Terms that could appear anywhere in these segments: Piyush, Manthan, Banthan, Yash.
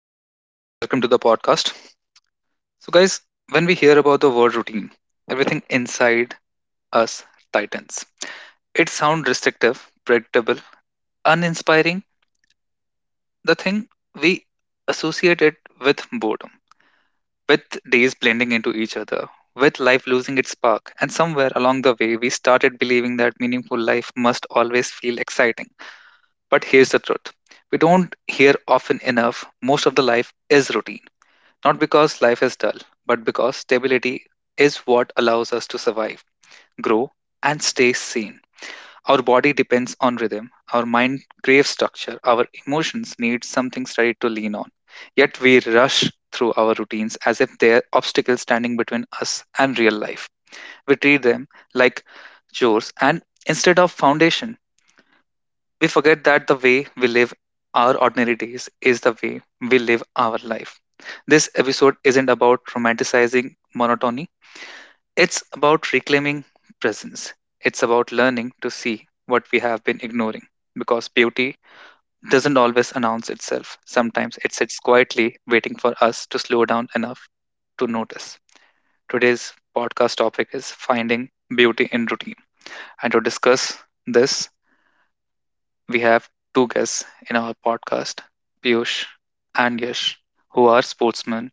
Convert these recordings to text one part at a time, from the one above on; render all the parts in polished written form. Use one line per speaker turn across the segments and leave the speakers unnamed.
Hello, everyone. Welcome to the podcast. So, guys, when we hear about the word routine, everything inside us tightens. It sounds restrictive, predictable, uninspiring, the thing we associate it with boredom, with days blending into each other, with life losing its spark. And somewhere along the way, we started believing that meaningful life must always feel exciting. But here's the truth we don't hear often enough: most of the life is routine. Not because life is dull, but because stability is what allows us to survive, grow, and stay sane. Our body depends on rhythm, our mind craves structure, our emotions need something steady to lean on. Yet we rush through our routines as if they are obstacles standing between us and real life. We treat them like chores, and instead of foundation we forget that the way we live our ordinary days is the way we live our life. This episode isn't about romanticizing monotony, it's about reclaiming presence. It's about learning to see what we have been ignoring, because beauty doesn't always announce itself. Sometimes it sits quietly waiting for us to slow down enough to notice. Today's podcast topic is finding beauty in routine. And to discuss this, we have two guests in our podcast, Piyush and Yash, who are sportsmen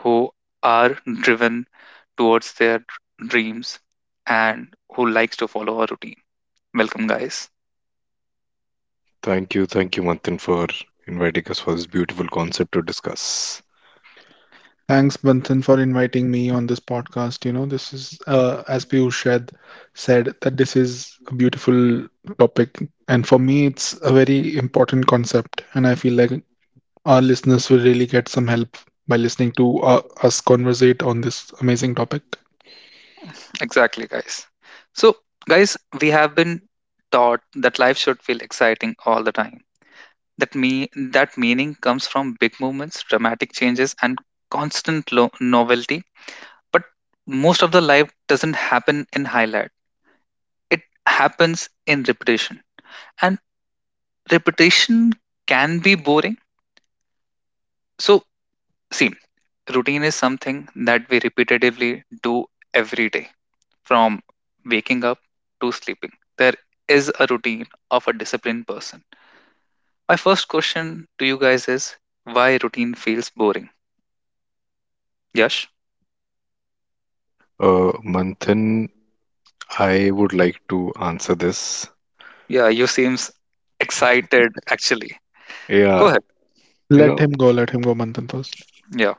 who are driven towards their dreams and who likes to follow a routine. Welcome, guys.
Thank you, Manthan, for inviting us for this beautiful concept to discuss.
Thanks, Banthan, for inviting me on this podcast. You know, this is, as Piyush had said, that this is a beautiful topic. And for me, it's a very important concept. And I feel like our listeners will really get some help by listening to us conversate on this amazing topic.
Exactly, guys. So, guys, we have been taught that life should feel exciting all the time. That me that meaning comes from big moments, dramatic changes, and constant novelty. But most of the life doesn't happen in highlight. It happens in repetition, and repetition can be boring. So, see, routine is something that we repetitively do every day, from waking up to sleeping. There is a routine of a disciplined person. My first question to you guys is, why routine feels boring? Yash?
Manthan, I would like to answer this.
Yeah, you seems excited actually. Go
Yeah,
ahead.
you know,
Let him go, Manthan 1st.
Yeah.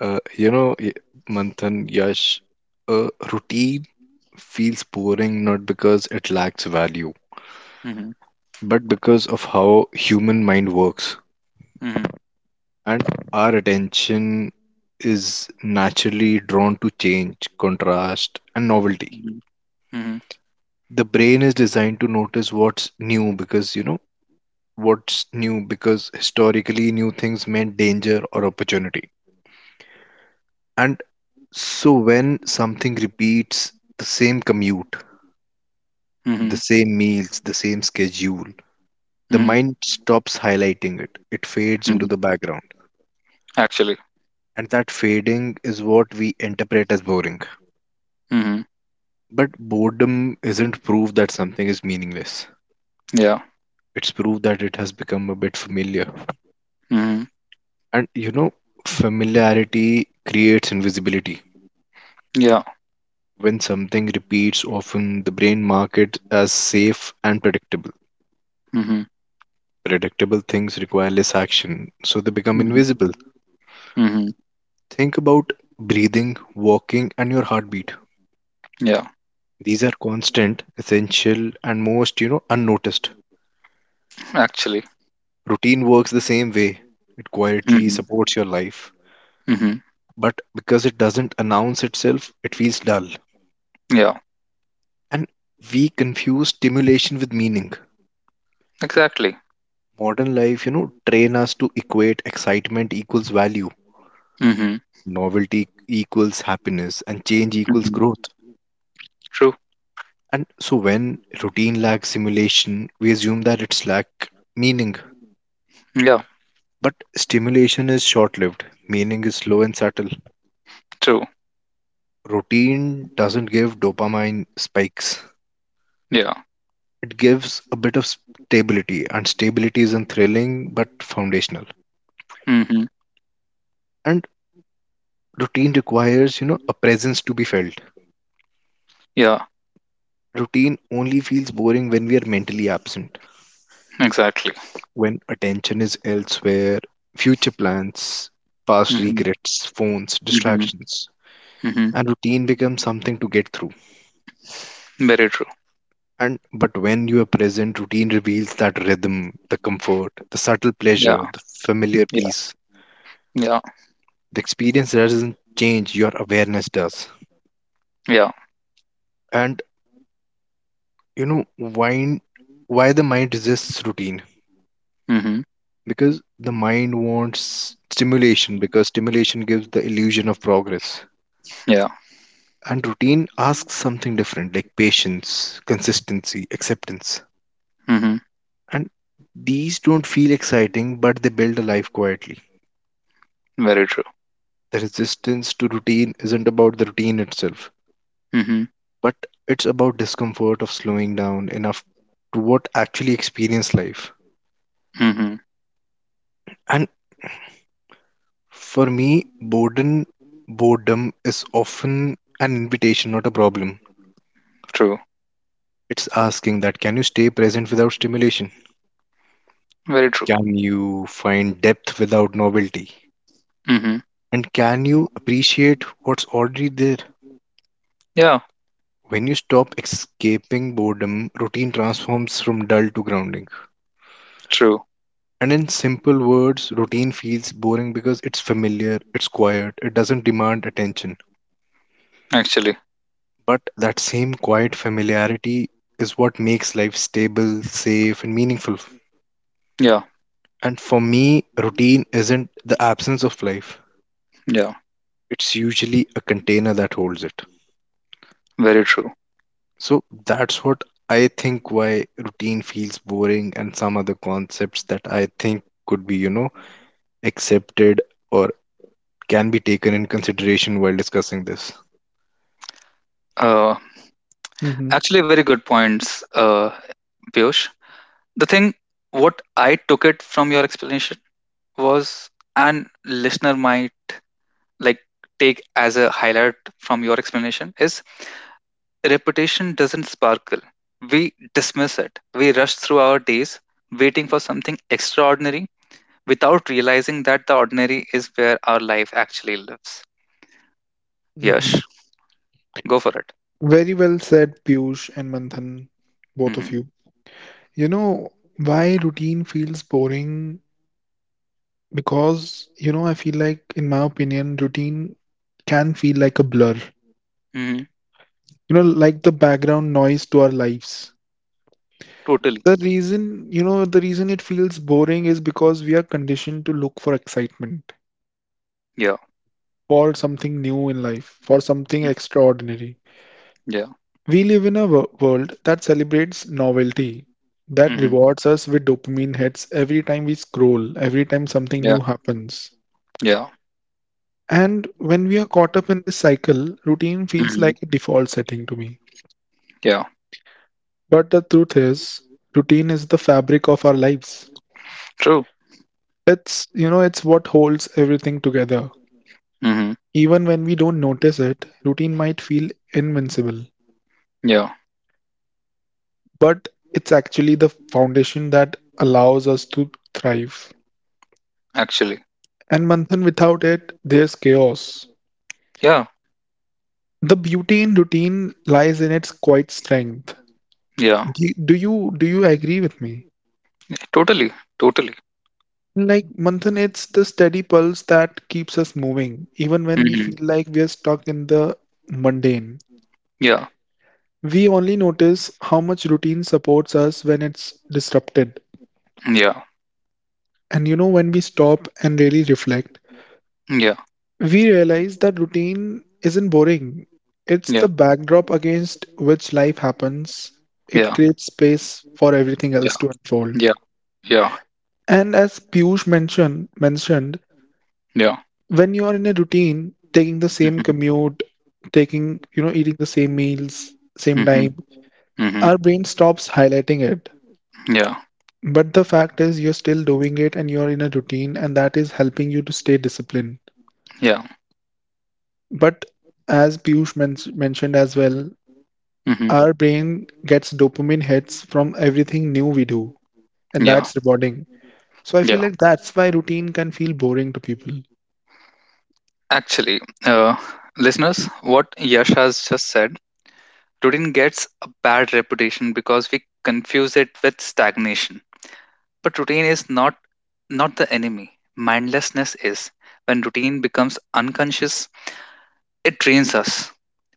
uh, you know, y- Manthan, Yash, routine feels boring not because it lacks value,
Mhm.
but because of how human mind works,
Mhm.
and our attention is naturally drawn to change, contrast, and novelty.
Mhm. Mhm.
The brain is designed to notice what's new because historically new things meant danger or opportunity. And so when something repeats the same commute, the
Mhm.
same meals, the same schedule, the
Mhm.
mind stops highlighting it. It fades into
Mhm.
the background.
Actually.
And that fading is what we interpret as boring.
Mhm.
But boredom isn't proof that something is meaningless.
Yeah.
It's proof that it has become a bit familiar.
Mhm.
And familiarity creates invisibility.
Yeah.
When something repeats often, the brain marks it as safe and predictable.
Mhm.
Predictable things require less action, so they become
Mhm.
invisible.
Mhm.
Think about breathing, walking, and your heartbeat.
Yeah.
These are constant, essential, and most, unnoticed.
Actually.
Routine works the same way. It quietly
Mhm.
supports your life,
Mhm.
but because it doesn't announce itself, it feels dull.
Yeah.
And we confuse stimulation with meaning.
Exactly.
Modern life, train us to equate excitement equals value,
Mhm.
novelty equals happiness, and change equals
Mhm.
growth,
True.
and so when routine lacks simulation we assume that it's lack meaning,
Yeah.
but stimulation is short lived, meaning is slow and subtle.
True.
Routine doesn't give dopamine spikes,
Yeah.
it gives a bit of stability, and stability isn't thrilling but foundational.
Mm-hmm.
And routine requires, a presence to be felt.
Yeah,
Routine only feels boring when we are mentally absent.
exactly.
When attention is elsewhere, future plans, past
hmm
regrets, phones,
hmm
distractions,
hmm
and routine becomes something to get through.
Very true.
And but when you are present, routine reveals that rhythm, the comfort, the subtle
Yeah,
pleasure, the familiar
yeah,
peace.
yeah,
The experience doesn't change, your awareness does.
yeah.
And you know why the mind resists routine?
hmm
Because the mind wants stimulation, because stimulation gives the illusion of progress.
Yeah.
And routine asks something different, like patience, consistency, acceptance.
hmm
And these don't feel exciting, but they build a life quietly.
Very true.
The resistance to routine isn't about the routine itself,
hmm
but it's about discomfort of slowing down enough to what actually experience life.
hmm
And for me, boredom is often an invitation, not a problem.
True.
It's asking that can you stay present without stimulation?
Very true.
Can you find depth without novelty?
hmm
And can you appreciate what's already there?
Yeah,
When you stop escaping boredom, routine transforms from dull to grounding.
true.
And in simple words, routine feels boring because it's familiar, it's quiet, it doesn't demand attention.
Actually,
But that same quiet familiarity is what makes life stable, safe, and meaningful.
yeah,
And for me, routine isn't the absence of life,
yeah.
it's usually a container that holds it.
Very true.
So that's what I think why routine feels boring, and some other concepts that I think could be, accepted or can be taken in consideration while discussing this.
Uh,
Mm-hmm,
Actually, very good points, Piyush. The thing, what I took it from your explanation was, and listener might like take as a highlight from your explanation is: reputation doesn't sparkle. We dismiss it. We rush through our days waiting for something extraordinary without realizing that the ordinary is where our life actually lives.
mm-hmm.
Yes, go for it.
Very well said, Piyush and Manthan, both of
hmm
you. You know, why routine feels boring. Because, you know, I feel like, in my opinion, routine can feel like a blur.
hmm
You know, like the background noise to our lives.
Totally.
The reason, you know, the reason it feels boring is because we are conditioned to look for excitement,
Yeah.
for something new in life, for something
Mm,
extraordinary.
yeah.
We live in a world that celebrates novelty, that
hmm
rewards us with dopamine hits every time we scroll, every time something
Yeah.
new happens.
Yeah.
And when we are caught up in this cycle, routine feels
hmm
like a default setting to me.
Yeah.
But the truth is, routine is the fabric of our lives.
True.
It's, you know, it's what holds everything together.
hmm
Even when we don't notice it, routine might feel invincible,
Yeah.
but it's actually the foundation that allows us to thrive.
Actually.
And Manthan, without it, there's chaos.
Yeah.
The beauty in routine lies in its quiet strength.
Yeah.
Do you agree with me?
Totally. Totally.
Like Manthan, it's the steady pulse that keeps us moving, even when we feel
hmm
like we are stuck in the mundane.
Yeah.
We only notice how much routine supports us when it's disrupted.
Yeah.
And you know, when we stop and really reflect,
Yeah,
we realize that routine isn't boring. It's
yeah,
the backdrop against which life happens. It
yeah,
creates space for everything else
yeah,
to unfold.
yeah, yeah,
And as Piyush mentioned,
yeah.
when you are in a routine, taking the same
Mhm,
commute, taking, you know, eating the same meals, same
mhm,
time,
mhm.
our brain stops highlighting it.
Yeah,
But the fact is, you're still doing it and you're in a routine, and that is helping you to stay disciplined.
yeah,
But as Piyush mentioned as well,
mhm,
our brain gets dopamine hits from everything new we do, and
yeah,
that's rewarding. So I feel
yeah.
like that's why routine can feel boring to people.
Actually, uh, listeners, what Yash has just said, routine gets a bad reputation because we confuse it with stagnation. But routine is not the enemy. Mindlessness is. When routine becomes unconscious, it trains us.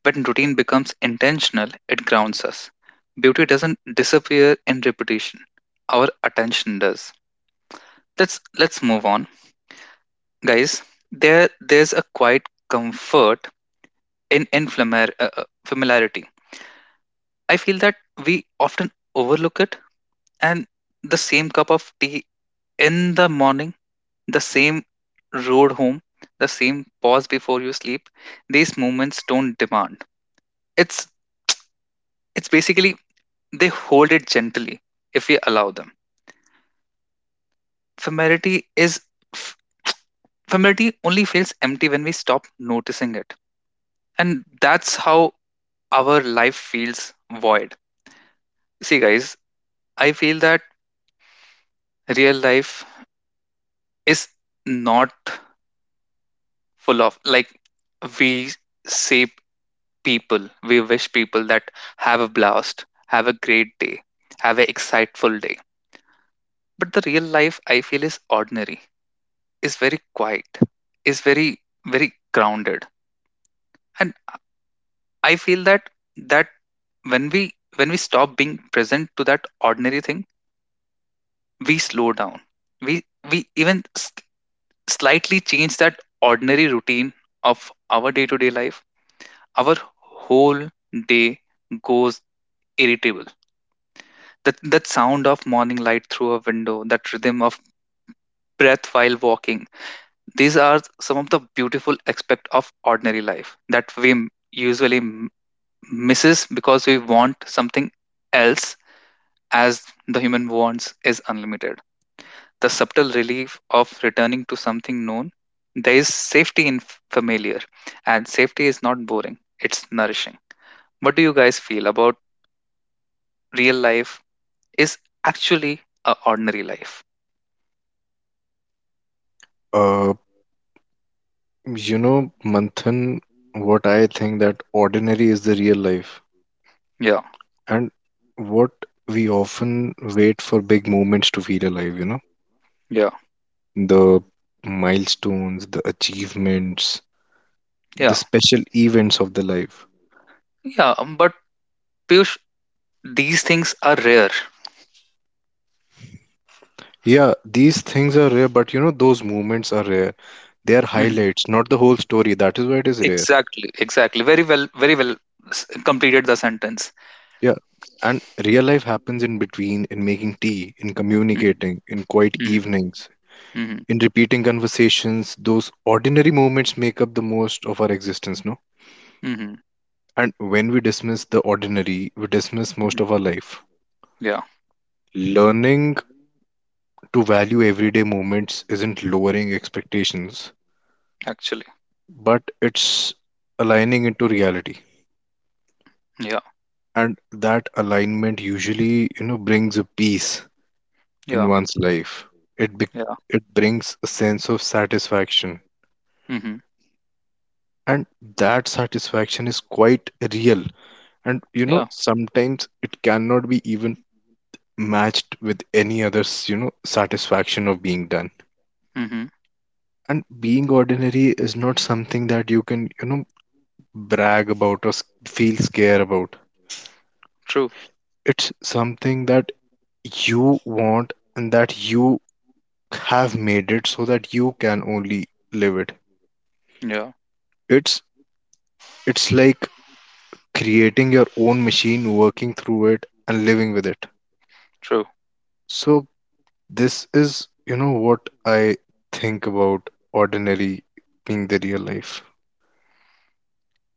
When routine becomes intentional, it grounds us. Beauty doesn't disappear in repetition. Our attention does. Let's move on, guys. There's a quiet comfort in familiarity. I feel that we often overlook it. And the same cup of tea in the morning, the same road home, the same pause before you sleep. These moments don't demand. It's it's basically They hold it gently if we allow them. Familiarity is f- familiarity only feels empty when we stop noticing it. And that's how our life feels void. See, guys, I feel that real life is not full of, like, we say people, we wish people that have a blast, have a great day, have an exciteful day. But the real life I feel is ordinary, is very quiet, is very, very grounded. And I feel that that when we when we stop being present to that ordinary thing, we slow down, we we even s- slightly change that ordinary routine of our day to day life, our whole day goes irritable. That sound of morning light through a window, that rhythm of breath while walking, these are some of the beautiful aspect of ordinary life that we usually m- misses because we want something else, as the human wants is unlimited. The subtle relief of returning to something known. There is safety in familiar, and safety is not boring, it's nourishing. What do you guys feel about real life is actually a ordinary life?
Uh, Manthan, what I think that ordinary is the real life,
Yeah,
and what we often wait for big moments to feel alive,
yeah,
the milestones, the achievements, the
yeah,
special events of the life.
yeah. But Piyush, these things are rare.
Yeah, these things are rare, but you know, those moments are rare. They are
Mhm.
highlights, not the whole story. That is why it is rare.
Exactly, exactly. Very well, very well s- completed the sentence.
Yeah. And real life happens in between, in making tea, in
hmm
communicating, in quiet evenings,
hmm
in repeating conversations. Those ordinary moments make up the most of our existence, no?
hmm
And when we dismiss the ordinary, we dismiss most
hmm
of our life.
Yeah,
Learning to value everyday moments isn't lowering expectations,
actually.
but it's aligning into reality.
Yeah,
And that alignment usually, brings a peace in
yeah,
one's life. it be-
yeah.
it brings a sense of satisfaction,
hmm
and that satisfaction is quite real, and you know,
Yeah.
sometimes it cannot be even matched with any other satisfaction of being done.
Mm-hmm.
And being ordinary is not something that you can, brag about or feel scared about.
True.
It's something that you want, and that you have made it so that you can only live it.
Yeah.
It's it's like creating your own machine, working through it and living with it.
True.
So this is, what I think about ordinary being the real life.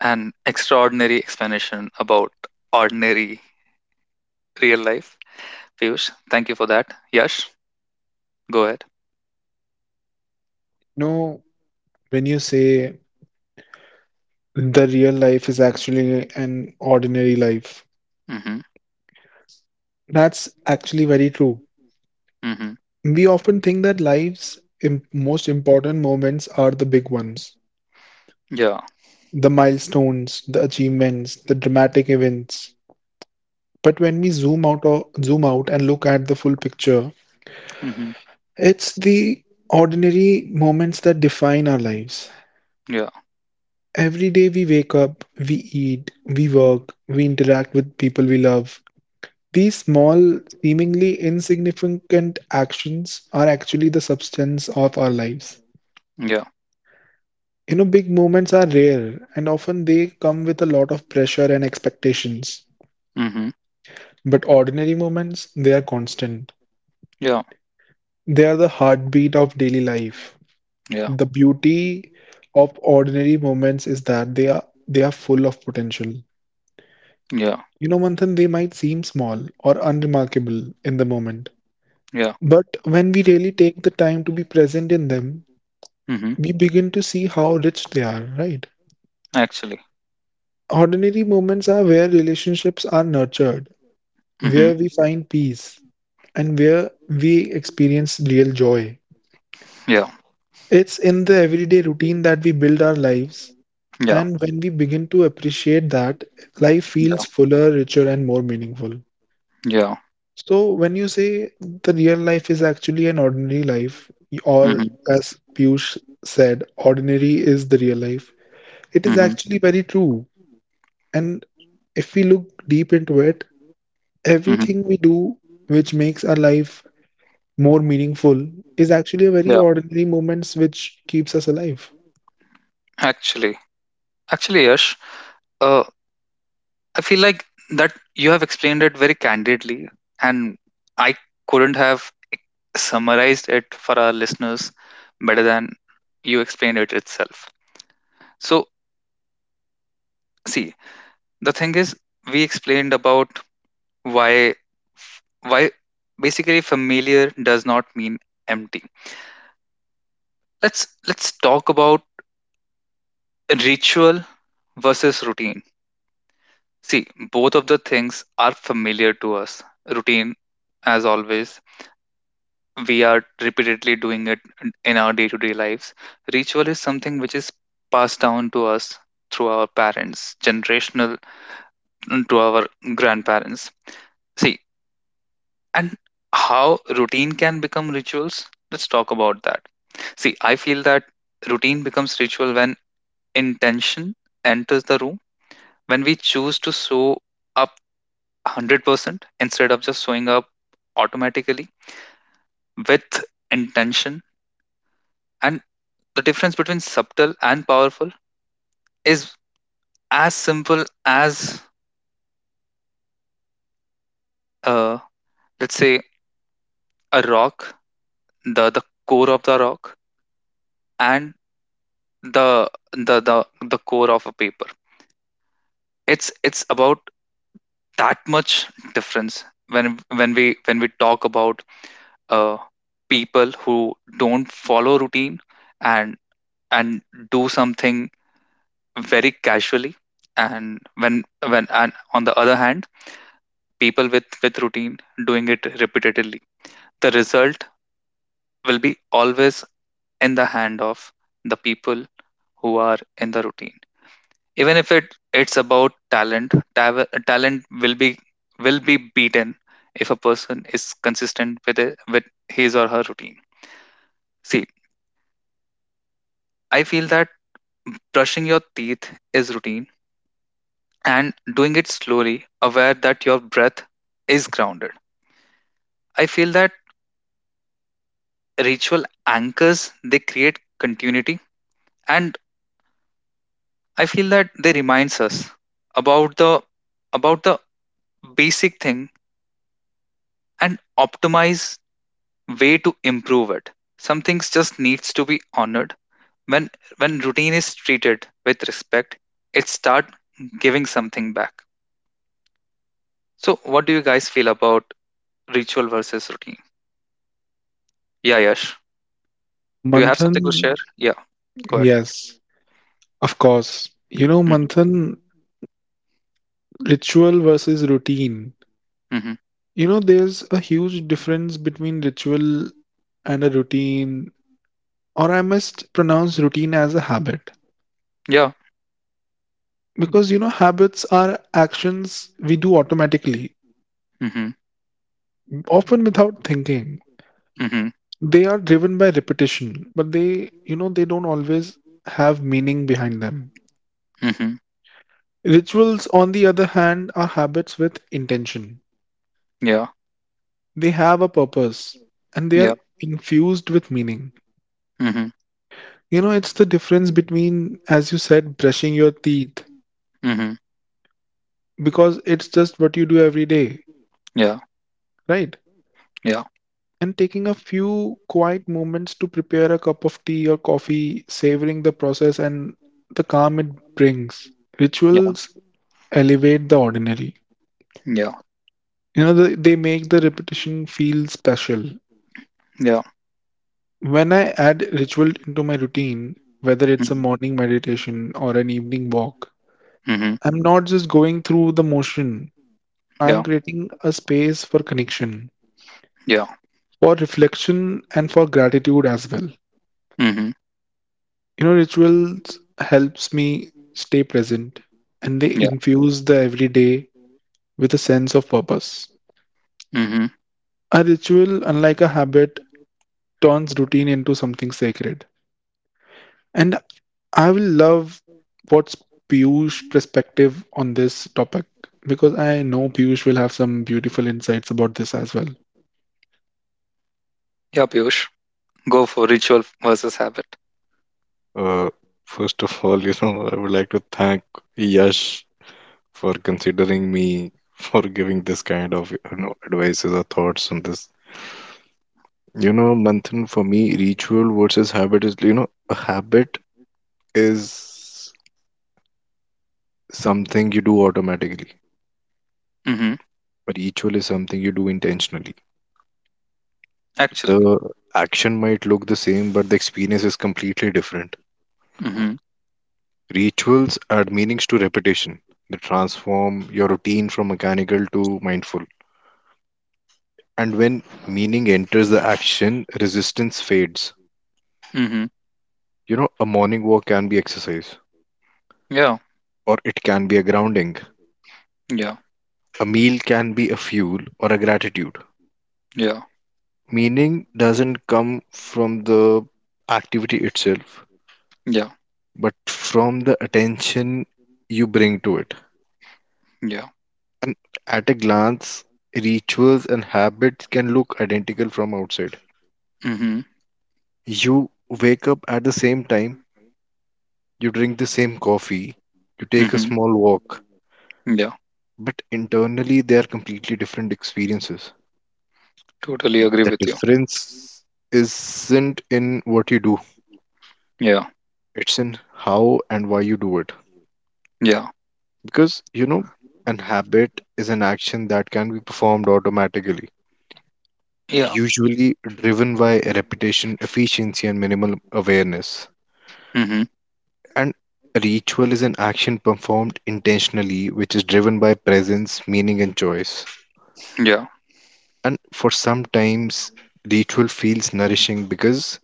An extraordinary explanation about ordinary real life. Piyush, thank you for that. Yash, go ahead.
No, when you say the real life is actually an ordinary life.
Mm-hmm.
That's actually very true.
Mm-hmm.
We often think that life's most important moments are the big ones,
Yeah.
the milestones, the achievements, the dramatic events. But when we zoom out and look at the full picture,
Mm-hmm.
it's the ordinary moments that define our lives.
Yeah.
Every day we wake up, we eat, we work, we interact with people we love. These small, seemingly insignificant actions are actually the substance of our lives.
Yeah.
You know, big moments are rare and often they come with a lot of pressure and expectations.
Mm-hmm.
But ordinary moments, they are constant.
Yeah.
They are the heartbeat of daily life.
Yeah.
The beauty of ordinary moments is that they are full of potential.
Yeah.
You know, Manthan, they might seem small or unremarkable in the moment.
Yeah.
But when we really take the time to be present in them,
Mm-hmm.
we begin to see how rich they are, right?
Actually.
Ordinary moments are where relationships are nurtured,
Mm-hmm.
where we find peace, and where we experience real joy.
Yeah.
It's in the everyday routine that we build our lives,
Yeah.
and when we begin to appreciate that, life
Yeah.
feels fuller, richer, and more meaningful.
Yeah.
So, when you say the real life is actually an ordinary life,
Mm-hmm.
or as Piyush said, ordinary is the real life, it is
Mm-hmm.
actually very true. And if we look deep into it,
Mm-hmm.
everything we do which makes our life more meaningful is actually a
Yeah,
very ordinary moments which keeps us alive.
actually, actually, Yash, uh, I feel like that you have explained it very candidly, and I couldn't have summarized it for our listeners better than you explained it itself. So, see, the thing is, we explained about why why basically familiar does not mean empty. Let's talk about ritual versus routine. See, both of the things are familiar to us. Routine, as always, we are repeatedly doing it in our day to day lives. Ritual is something which is passed down to us through our parents, generational to our grandparents. See, and how routine can become rituals? Let's talk about that. See, I feel that routine becomes ritual when intention enters the room, when we choose to show up 100% instead of just showing up automatically with intention. And the difference between subtle and powerful is as simple as, uh, let's say, a rock, the core of the rock and the the the, the core of a paper. It's about that much difference when when we talk about, uh, people who don't follow routine and and do something very casually, and when and on the other hand people with routine doing it repetitively, the result will be always in the hand of the people who are in the routine. Even if it it's about talent, talent will be, will be beaten if a person is consistent with it, with his or her routine. See, I feel that brushing your teeth is routine, and doing it slowly aware that your breath is grounded, I feel that ritual anchors. They create continuity, and I feel that they reminds us about the about the basic thing and optimize way to improve it. Some things just needs to be honored. When when routine is treated with respect, it start giving something back. So what do you guys feel about ritual versus routine? Yeah, Yash. Do you have
Manthan,
something to share? Yeah, go ahead.
yes, of course. You know,
Mm-hmm.
Manthan, ritual versus routine.
Mm-hmm.
You know, there's a huge difference between ritual and a routine, or I must pronounce routine as a habit.
Yeah.
Because, you know, habits are actions we do automatically,
Mm-hmm.
often without thinking.
Mm-hmm.
They are driven by repetition, but they, you know, they don't always have meaning behind them.
Mm-hmm.
Rituals, on the other hand, are habits with intention.
Yeah.
They have a purpose and they are
Yeah.
infused with meaning.
Mm-hmm.
You know, it's the difference between, as you said, brushing your teeth
Mm-hmm.
because it's just what you do every day,
Yeah.
right?
Yeah.
And taking a few quiet moments to prepare a cup of tea or coffee, savoring the process and the calm it brings.
Yeah.
Rituals elevate the ordinary.
Yeah.
You know, they make the repetition feel special.
Yeah.
When I add ritual into my routine, whether it's a
Mm-hmm.
morning meditation or an evening walk,
Mm-hmm.
I'm not just going through the motion. I'm
Yeah.
creating a space for connection,
Yeah.
for reflection, and for gratitude as well.
Mm-hmm.
You know, rituals helps me stay present, and they
Yeah.
infuse the everyday with a sense of purpose.
Mm-hmm.
A ritual, unlike a habit, turns routine into something sacred. And I will love what's Piyush's perspective on this topic because I know Piyush will have some beautiful insights about this as well.
Yeah, Piyush, go for ritual versus habit.
Uh, First of all, I would like to thank Yash for considering me for giving this kind of, advices or thoughts on this. You know, Manthan, for me, ritual versus habit is, a habit is something you do automatically.
hmm
A ritual is something you do intentionally.
Actually.
The action might look the same, but the experience is completely different.
hmm
Rituals add meanings to repetition. They transform your routine from mechanical to mindful. And when meaning enters the action, resistance fades.
hmm
You know, a morning walk can be exercise,
Yeah.
or it can be a grounding.
Yeah.
A meal can be a fuel or a gratitude.
Yeah.
Meaning doesn't come from the activity itself,
Yeah.
but from the attention you bring to it.
Yeah.
And at a glance, rituals and habits can look identical from outside.
hmm
You wake up at the same time, you drink the same coffee, you take a
hmm
small walk,
Yeah.
but internally they are completely different experiences.
Totally agree
The
with you.
difference isn't in what you do,
Yeah.
it's in how and why you do it.
Yeah.
Because, an habit is an action that can be performed automatically,
Yeah.
usually driven by repetition, efficiency, and minimal awareness.
hmm
And ritual is an action performed intentionally, which is driven by presence, meaning, and choice.
Yeah.
And for sometimes, ritual feels nourishing because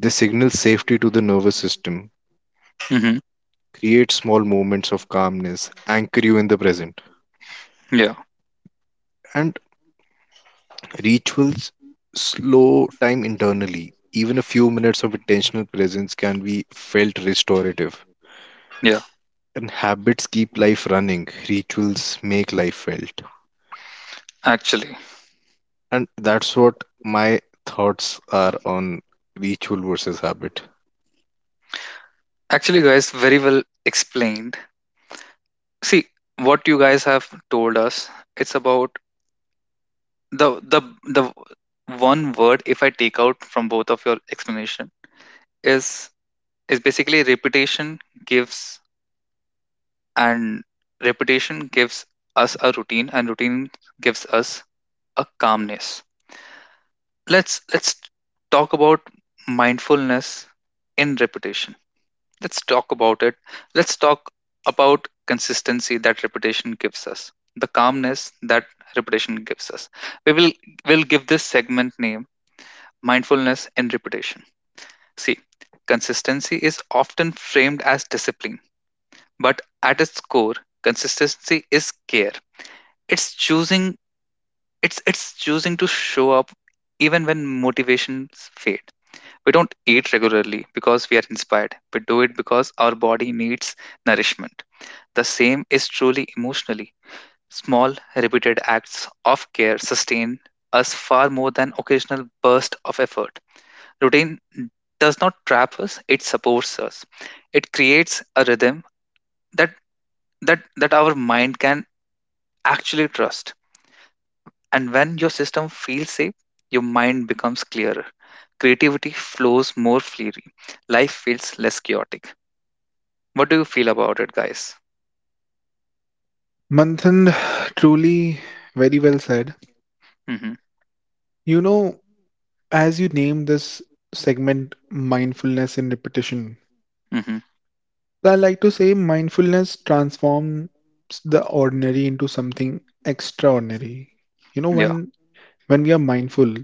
they signal safety to the nervous system,
hmm
create small moments of calmness, anchor you in the present.
Yeah.
And rituals slow time internally. Even a few minutes of intentional presence can be felt restorative.
Yeah.
And habits keep life running, rituals make life felt.
Actually.
And that's what my thoughts are on ritual versus habit.
Actually, guys, very well explained. See what you guys have told us. It's about the the the one word, if I take out from both of your explanation, is is basically repetition gives, and repetition gives us a routine, and routine gives us a calmness. Let's talk about mindfulness in repetition. Let's talk about it. Let's talk about consistency, that repetition gives us the calmness that repetition gives us. We will give this segment name "mindfulness in repetition." See, consistency is often framed as discipline, but at its core consistency is care. It's choosing it's choosing to show up even when motivations fade. We don't eat regularly because we are inspired. We do it because our body needs nourishment. The same is truly emotionally. Small repeated acts of care sustain us far more than occasional burst of effort. Routine does not trap us, it supports us. It creates a rhythm that that our mind can actually trust. And when your system feels safe, your mind becomes clearer. Creativity flows more freely. Life feels less chaotic. What do you feel about it, guys?
Manthan, truly very well said.
Mm-hmm.
You know, as you name this segment mindfulness in repetition,
Mm-hmm.
I like to say mindfulness transforms the ordinary into something extraordinary. You know,
Yeah.
when we are mindful,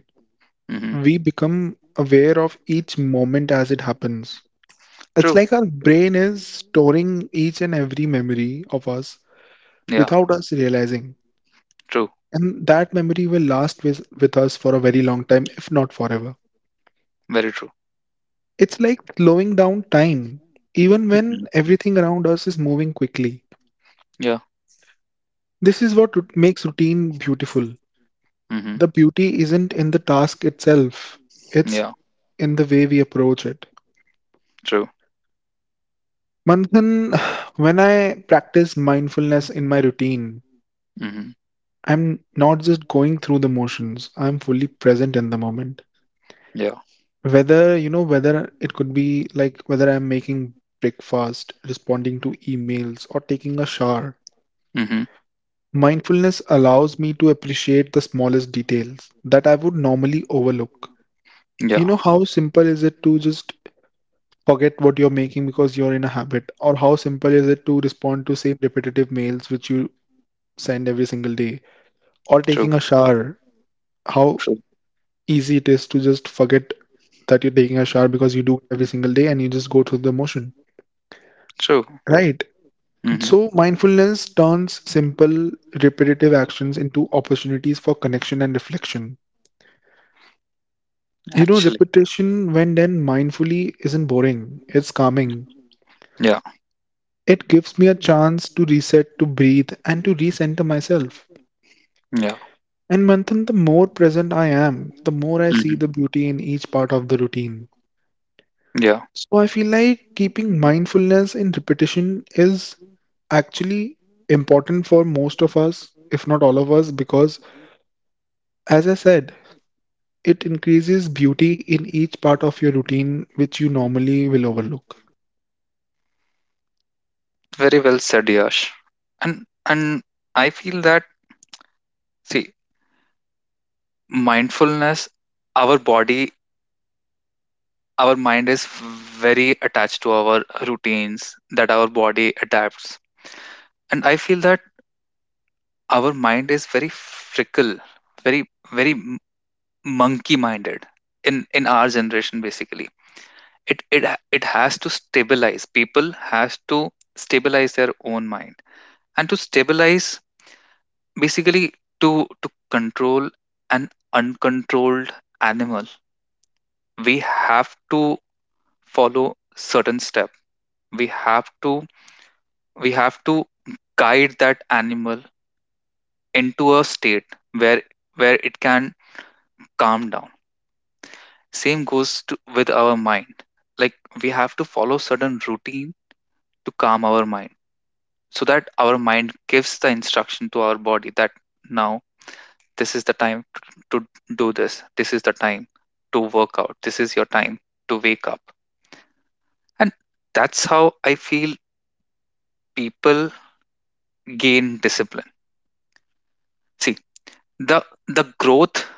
Mm-hmm.
we become aware of each moment as it happens. It's
True.
like our brain is storing each and every memory of us
Yeah.
without us realizing.
True.
And that memory will last with us for a very long time, if not forever.
Very true.
It's like slowing down time, even when
Mm-hmm.
everything around us is moving quickly.
Yeah.
This is what makes routine beautiful.
Mm-hmm.
The beauty isn't in the task itself, it's
Yeah.
in the way we approach it.
True.
Manthan, when I practice mindfulness in my routine,
Mm-hmm.
I'm not just going through the motions. I'm fully present in the moment.
Yeah.
Whether, you know, whether it could be like whether I'm making breakfast, responding to emails, or taking a shower.
Mm-hmm.
Mindfulness allows me to appreciate the smallest details that I would normally overlook. You
Yeah.
know, how simple is it to just forget what you're making because you're in a habit? Or how simple is it to respond to same repetitive mails which you send every single day? Or
True.
taking a shower. How
True.
easy it is to just forget that you're taking a shower because you do it every single day and you just go through the motion.
True.
Right.
Mm-hmm.
So mindfulness turns simple, repetitive actions into opportunities for connection and reflection. You know,
Actually.
repetition, when done mindfully, isn't boring, it's calming.
Yeah.
It gives me a chance to reset, to breathe, and to recenter myself.
Yeah.
And Manthan, the more present I am, the more I see
Mm-hmm.
the beauty in each part of the routine.
Yeah.
So I feel like keeping mindfulness in repetition is actually important for most of us, if not all of us, because as I said, it increases beauty in each part of your routine which you normally will overlook.
Very well said, Yash. And I feel that, see, mindfulness, our body, our mind is very attached to our routines that our body adapts. And I feel that our mind is very fickle, very, very monkey minded in our generation basically. It has to stabilize. People has to stabilize their own mind. And to stabilize, basically to control an uncontrolled animal, we have to follow certain step. We have to we have to guide that animal into a state where it can calm down. Same goes to, with our mind. Like, we have to follow certain routine to calm our mind so that our mind gives the instruction to our body that now this is the time to do this, this is the time to work out, this is your time to wake up. And that's how I feel people gain discipline. See, the growth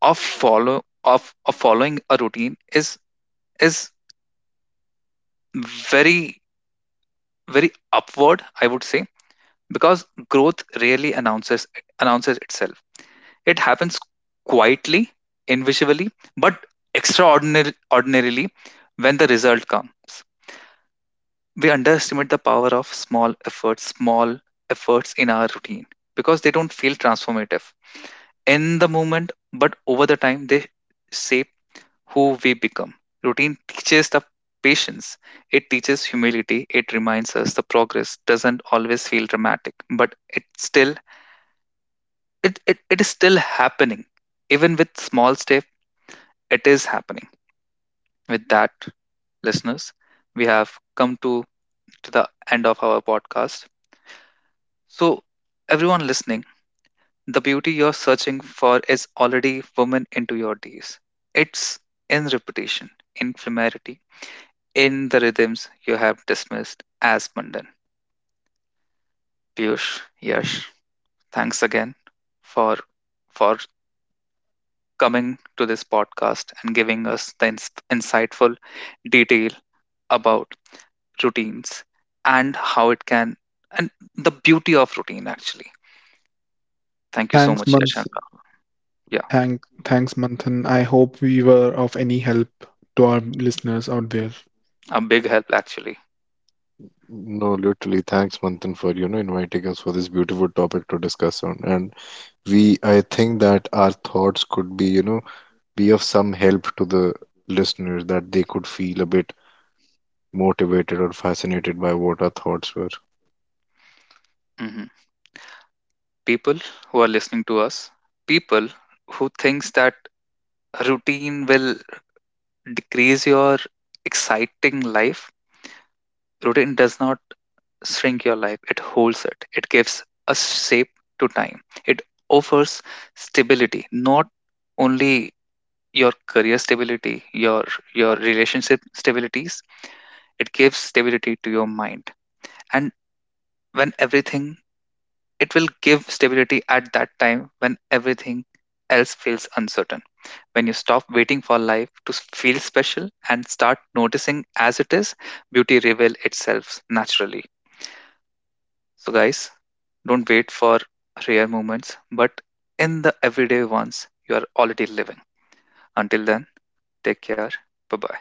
of follow of following a routine is very, very upward I would say, because growth rarely announces itself. It happens quietly, invisibly, but extraordinarily, ordinarily, when the result comes. We underestimate the power of small efforts, small efforts in our routine, because they don't feel transformative in the moment, but over the time they shape who we become. Routine teaches the patience, it teaches humility, it reminds us the progress doesn't always feel dramatic, but it is still happening. Even with small step, it is happening. With that, listeners, we have come to the end of our podcast. So everyone listening, the beauty you're searching for is already woven into your days. It's in repetition, in familiarity, in the rhythms you have dismissed as mundane. Piyush, Yash, thanks again for for coming to this podcast and giving us the insightful detail about routines and how it can, and the beauty of routine actually. Thank you so
Thanks,
much, Yash.
Manth.
And, yeah,
Thank, thanks, Manthan. I hope we were of any help to our listeners out there.
a big help actually.
No, literally, thanks, Manthan, for inviting us for this beautiful topic to discuss on. And we, I think that our thoughts could be, be of some help to the listeners, that they could feel a bit motivated or fascinated by what our thoughts were.
hmm People who are listening to us, people who thinks that routine will decrease your exciting life: routine does not shrink your life, it holds it. It gives a shape to time. It offers stability, not only your career stability, your relationship stabilities. It gives stability to your mind. And when everything it will give stability at that time when everything else feels uncertain. When you stop waiting for life to feel special and start noticing as it is, beauty reveal itself naturally. So, guys, don't wait for rare moments, but in the everyday ones you are already living. Until then, take care. Bye bye.